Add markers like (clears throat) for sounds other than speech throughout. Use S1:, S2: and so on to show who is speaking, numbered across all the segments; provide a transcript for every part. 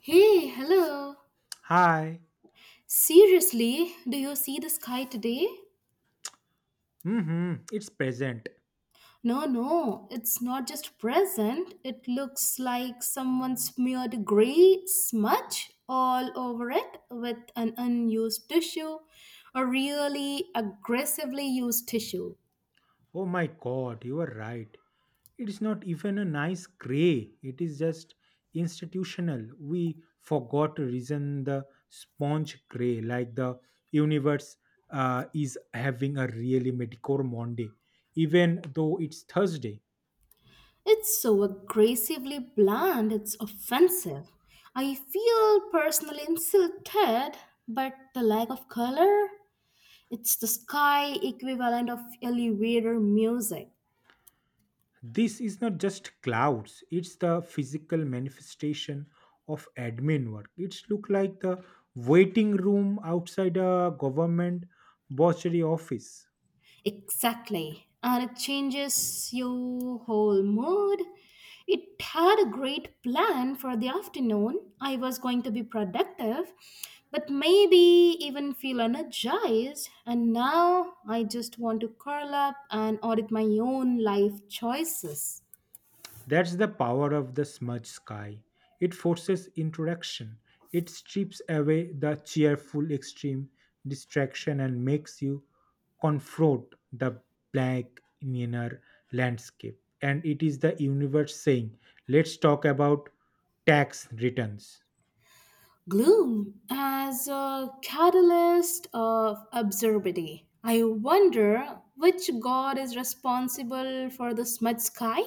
S1: Hey, hello.
S2: Hi.
S1: Seriously, do you see the sky today?
S2: Mm-hmm. It's present.
S1: No, no, it's not just present. It looks like someone smeared gray smudge all over it with an unused tissue, a really aggressively used tissue.
S2: Oh my god, you are right. It's not even a nice gray. It is just institutional. We forgot to reason the sponge gray, like the universe is having a really medicore Monday, even though it's Thursday.
S1: It's so aggressively bland, it's offensive. I feel personally insulted, but the lack of color? It's the sky equivalent of elevator music.
S2: This is not just clouds, it's the physical manifestation of admin work. It's look like the waiting room outside a government bursary office.
S1: Exactly. And it changes your whole mood. It had a great plan for the afternoon. I was going to be productive, but maybe even feel energized. And now I just want to curl up and audit my own life choices.
S2: That's the power of the smudge sky. It forces interaction. It strips away the cheerful extreme distraction and makes you confront the blank inner landscape. And it is the universe saying, let's talk about tax returns.
S1: Gloom as a catalyst of absurdity. I wonder which god is responsible for the smudge sky?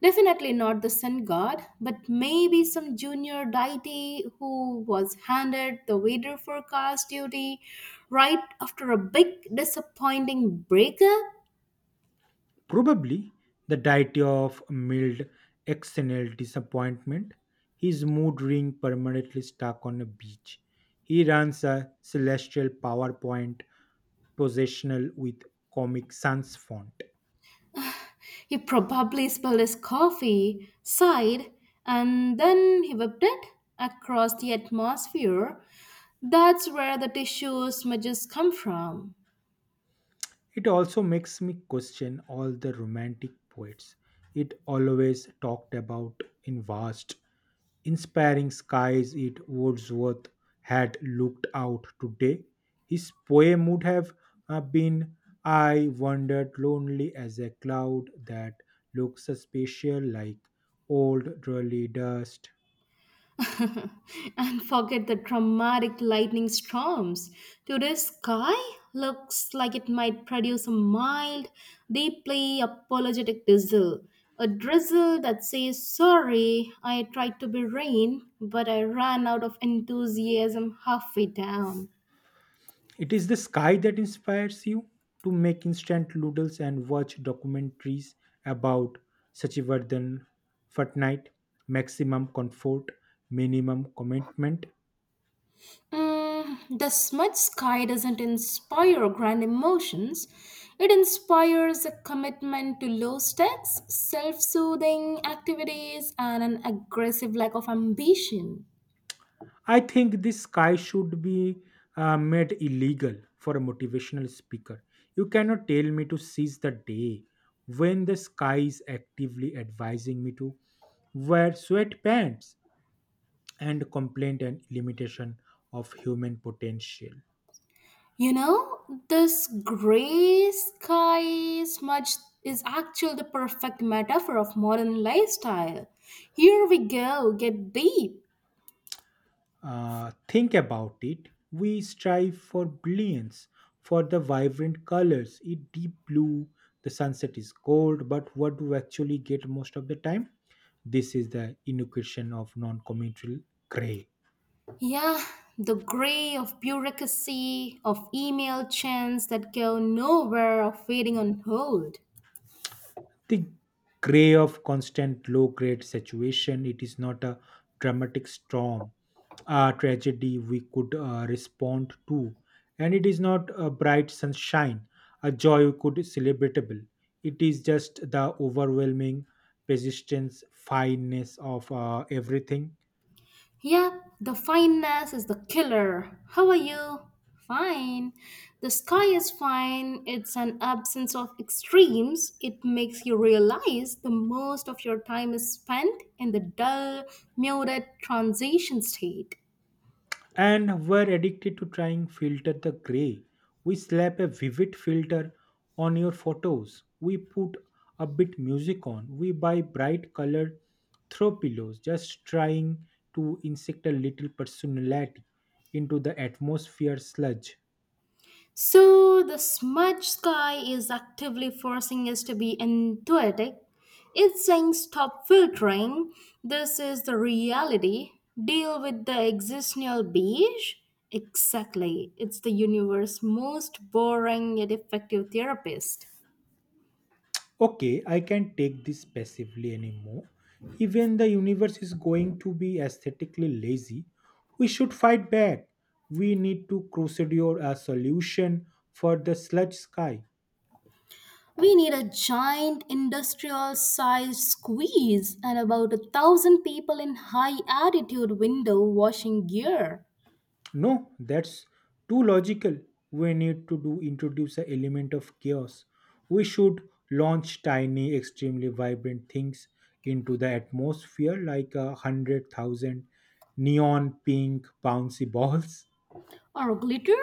S1: Definitely not the sun god, but maybe some junior deity who was handed the weather forecast duty right after a big disappointing breakup.
S2: Probably the deity of mild external disappointment, his mood ring permanently stuck on a beach. He runs a celestial PowerPoint positional with Comic Sans font.
S1: He probably spilled his coffee, sighed, and then he whipped it across the atmosphere. That's where the tissue smudges come from.
S2: It also makes me question all the romantic poets it always talked about in vast, inspiring skies it Wordsworth had looked out today. His poem would have been I wandered lonely as a cloud that looks spatial like old, dreary dust.
S1: (laughs) And forget the dramatic lightning storms. Today's sky looks like it might produce a mild, deeply apologetic drizzle. A drizzle that says, "Sorry, I tried to be rain, but I ran out of enthusiasm halfway down."
S2: It is the sky that inspires you to make instant noodles and watch documentaries about Sachivardhan Fortnite, maximum comfort, minimum commitment.
S1: The smudge sky doesn't inspire grand emotions. It inspires a commitment to low stakes, self soothing activities, and an aggressive lack of ambition.
S2: I think this sky should be made illegal for a motivational speaker. You cannot tell me to seize the day when the sky is actively advising me to wear sweatpants and complain and limitation of human potential.
S1: You know, this gray sky smudge is actually the perfect metaphor of modern lifestyle. Here we go, get deep.
S2: Think about it. We strive for brilliance, for the vibrant colors. It deep blue, the sunset is gold, but what do we actually get most of the time? This is the inoculation of non committal gray.
S1: Yeah, the gray of bureaucracy, of email chains that go nowhere, of waiting on hold.
S2: The gray of constant low grade saturation it is not a dramatic storm a tragedy we could respond to, and it is not a bright sunshine a joy we could celebratable. It is just the overwhelming persistence fineness of everything.
S1: Yeah, the fineness is the killer. How are you? Fine. The sky is fine. It's an absence of extremes. It makes you realize the most of your time is spent in the dull, muted transition state.
S2: And were addicted to trying filter the gray. We slap a vivid filter on your photos, we put a bit music on, we buy bright colored throw pillows, just trying to insect a little personality into the atmosphere sludge.
S1: So the smudge sky is actively forcing us to be intuitive. It's saying stop filtering. This is the reality. Deal with the existential beige. Exactly. It's the universe's most boring yet effective therapist.
S2: Okay, I can't take this passively anymore. Even the universe is going to be aesthetically lazy. We should fight back. We need to crusader a solution for the sludge sky.
S1: We need a giant industrial sized squeeze and about a thousand people in high attitude window washing gear.
S2: No, that's too logical. We need to do introduce an element of chaos. We should launch tiny, extremely vibrant things into the atmosphere like 100,000 neon pink bouncy (laughs) balls.
S1: Or glitter.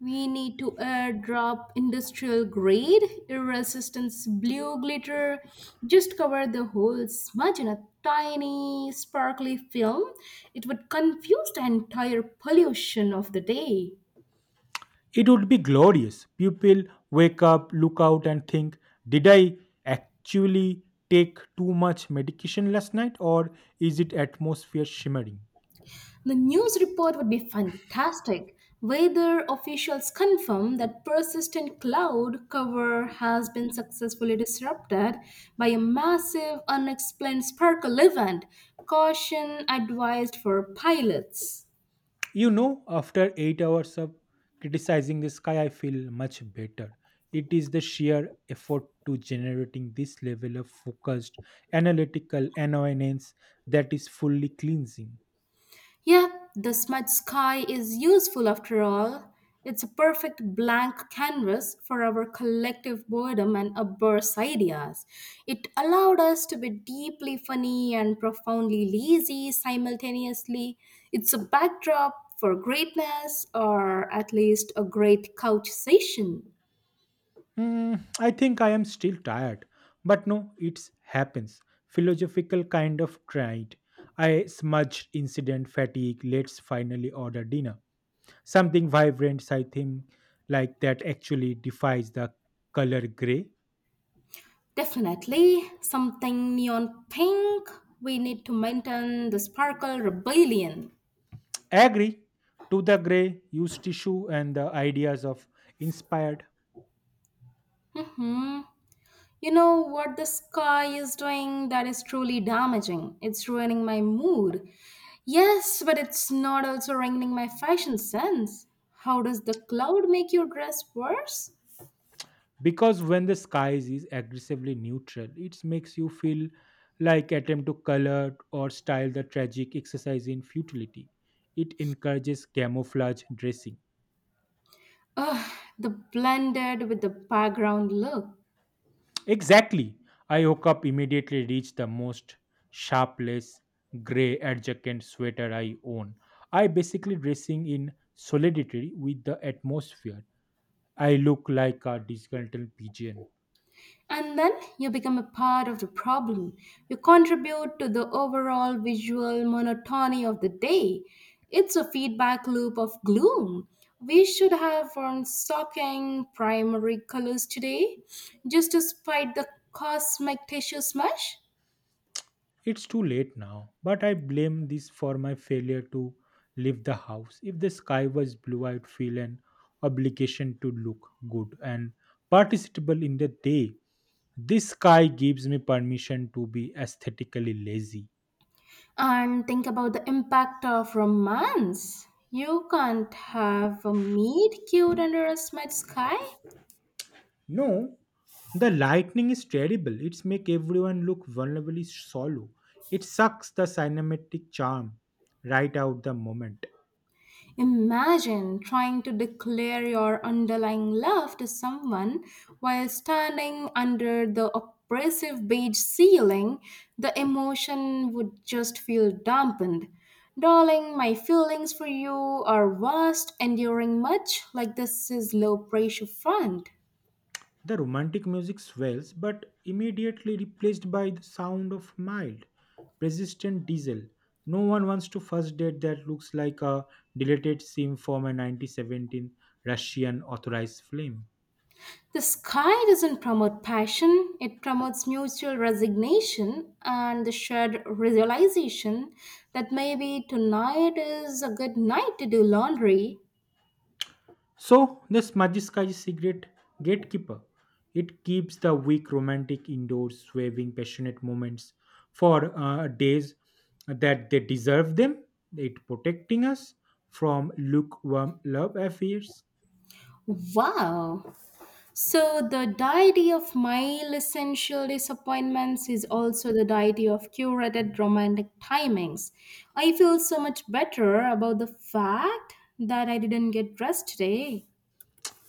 S1: We need to airdrop industrial grade irresistance blue glitter. Just cover the whole smudge in a tiny sparkly film. It would confuse the entire pollution of the day.
S2: It would be glorious. People wake up, look out, and think, did I actually take too much medication last night, or is it atmosphere shimmering?
S1: The news report would be fantastic. Weather officials confirm that persistent cloud cover has been successfully disrupted by a massive unexplained sparkle event, caution advised for pilots.
S2: You know, after 8 hours of criticizing the sky, I feel much better. It is the sheer effort to generating this level of focused analytical annoyance that is fully cleansing.
S1: Yeah, the smudge sky is useful after all. It's a perfect blank canvas for our collective boredom and outburst ideas. It allowed us to be deeply funny and profoundly lazy simultaneously. It's a backdrop for greatness or at least a great couch session.
S2: Mm, I think I am still tired. But no, it happens. Philosophical kind of tried. I smudged incident fatigue. Let's finally order dinner. Something vibrant, I think, like that actually defies the color gray.
S1: Definitely something neon pink. We need to maintain the sparkle rebellion.
S2: Agree to the gray, use tissue and the ideas of inspired.
S1: Mhm. You know what the sky is doing that is truly damaging. It's ruining my mood. Yes, but it's not also ruining my fashion sense. How does the cloud make your dress worse?
S2: Because when the skies is aggressively neutral it makes you feel like attempt to color or style the tragic exercise in futility. It encourages camouflage dressing.
S1: Ugh, the blended with the background look.
S2: Exactly. I woke up immediately reached the most sharpless gray adjacent sweater I own. I basically dressing in solidarity with the atmosphere. I look like a disgruntled pigeon.
S1: And then you become a part of the problem. You contribute to the overall visual monotony of the day. It's a feedback loop of gloom. We should have worn shocking primary colors today just to spite the cosmic tissue smash.
S2: It's too late now, but I blame this for my failure to leave the house. If the sky was blue, I'd feel an obligation to look good and participable in the day. This sky gives me permission to be aesthetically lazy.
S1: And think about the impact of romance. You can't have a meet cute under a smudge sky.
S2: No, the lightning is terrible. It's make everyone look vulnerably solo. It sucks the cinematic charm right out the moment.
S1: Imagine trying to declare your underlying love to someone while standing under the oppressive beige ceiling. The emotion would just feel dampened. Darling, my feelings for you are vast, enduring much like this is low pressure front.
S2: The romantic music swells, but immediately replaced by the sound of mild, persistent diesel. No one wants to first date that looks like a deleted scene from a 1917 Russian authorized film.
S1: The sky doesn't promote passion, it promotes mutual resignation and the shared realization that maybe tonight is a good night to do laundry.
S2: So the Smajiskai cigarette gatekeeper. It keeps the weak romantic indoors, waving passionate moments for days that they deserve them. It protecting us from lukewarm love affairs.
S1: Wow! So, the deity of mile essential disappointments is also the deity of curated romantic timings. I feel so much better about the fact that I didn't get dressed today.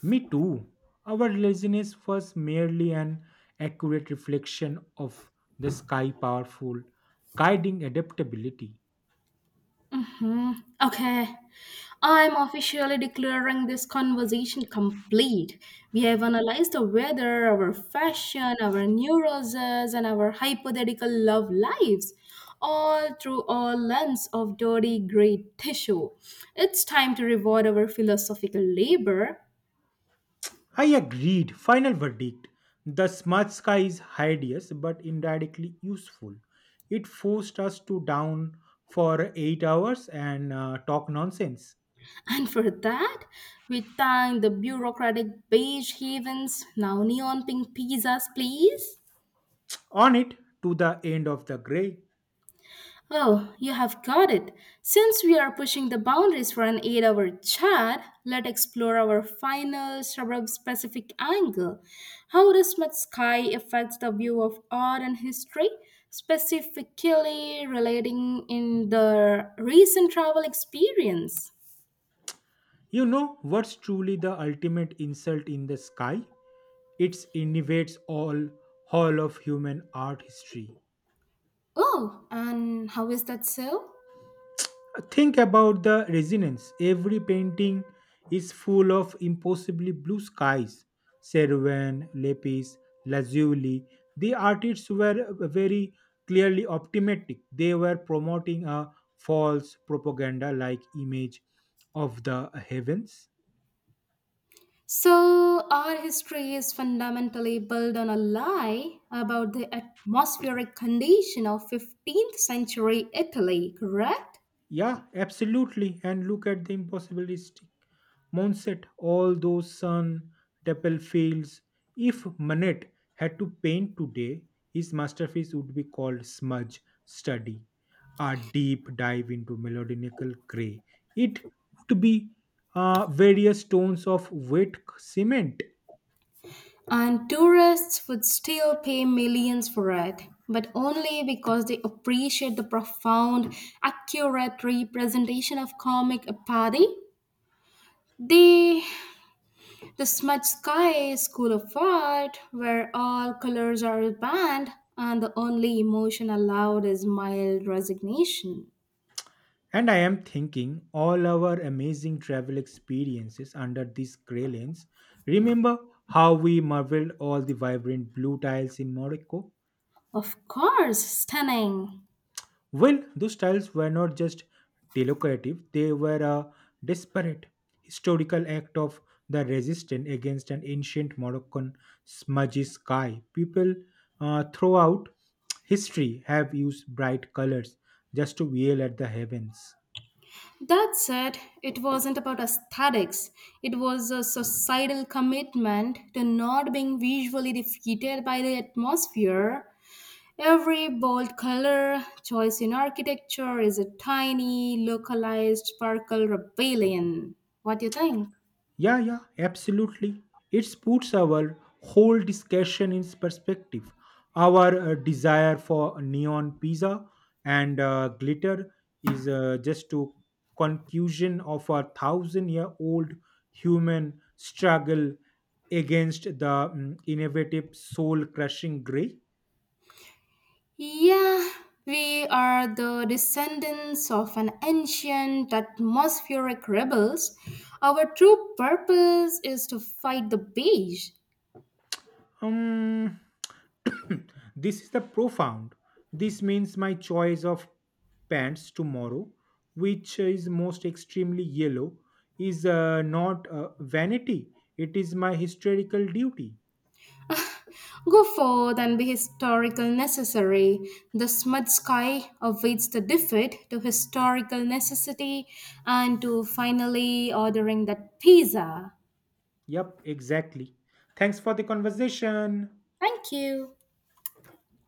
S2: Me too. Our laziness was merely an accurate reflection of the sky powerful, guiding adaptability.
S1: Mhm. Okay. I'm officially declaring this conversation complete. We have analyzed the weather, our fashion, our neuroses, and our hypothetical love lives, all through a lens of dirty gray tissue. It's time to reward our philosophical labor.
S2: I agreed. Final verdict. The smart sky is hideous but indirectly useful. It forced us to down for 8 hours and talk nonsense.
S1: And for that, we thank the bureaucratic beige havens, now neon pink pizzas, please.
S2: On it to the end of the gray.
S1: Oh, you have got it. Since we are pushing the boundaries for an 8-hour chat, let's explore our final suburb specific angle. How does mud sky affect the view of art and history, specifically relating in the recent travel experience?
S2: You know what's truly the ultimate insult in the sky? It innovates all hall of human art history.
S1: Oh, and how is that so?
S2: Think about the resonance. Every painting is full of impossibly blue skies. Cervan, Lepis, Lazuli. The artists were very clearly optimistic. They were promoting a false propaganda like image of the heavens.
S1: So, our history is fundamentally built on a lie about the atmospheric condition of 15th century Italy, correct?
S2: Yeah, absolutely. And look at the impossibilistic Montset, all those sun, dapple fields. If Manet had to paint today, his masterpiece would be called Smudge Study, a deep dive into melodical grey. It would be various tones of wet cement.
S1: And tourists would still pay millions for it, but only because they appreciate the profound, accurate representation of comic apathy. They The Smudge Sky School of Art, where all colors are banned and the only emotion allowed is mild resignation.
S2: And I am thinking all our amazing travel experiences under this grey lens. Remember how we marveled all the vibrant blue tiles in Morocco?
S1: Of course, stunning.
S2: Well, those tiles were not just decorative, they were a desperate historical act of the resistance against an ancient Moroccan smudgy sky. People throughout history have used bright colors just to yell at the heavens.
S1: That said, it wasn't about aesthetics. It was a societal commitment to not being visually defeated by the atmosphere. Every bold color choice in architecture is a tiny, localized, sparkle rebellion. What do you think?
S2: Yeah, yeah, absolutely. It puts our whole discussion in perspective. Our desire for neon pizza and glitter is just a conclusion of 1,000 year old human struggle against the innovative soul crushing gray.
S1: Yeah, we are the descendants of an ancient atmospheric rebels. Our true purpose is to fight the beige.
S2: Um, (clears throat) this is the profound. This means my choice of pants tomorrow, which is most extremely yellow, is not vanity. It is my historical duty.
S1: Go forth and be historical necessary. The smud sky awaits the defeat to historical necessity and to finally ordering that pizza.
S2: Yep, exactly. Thanks for the conversation.
S1: Thank you.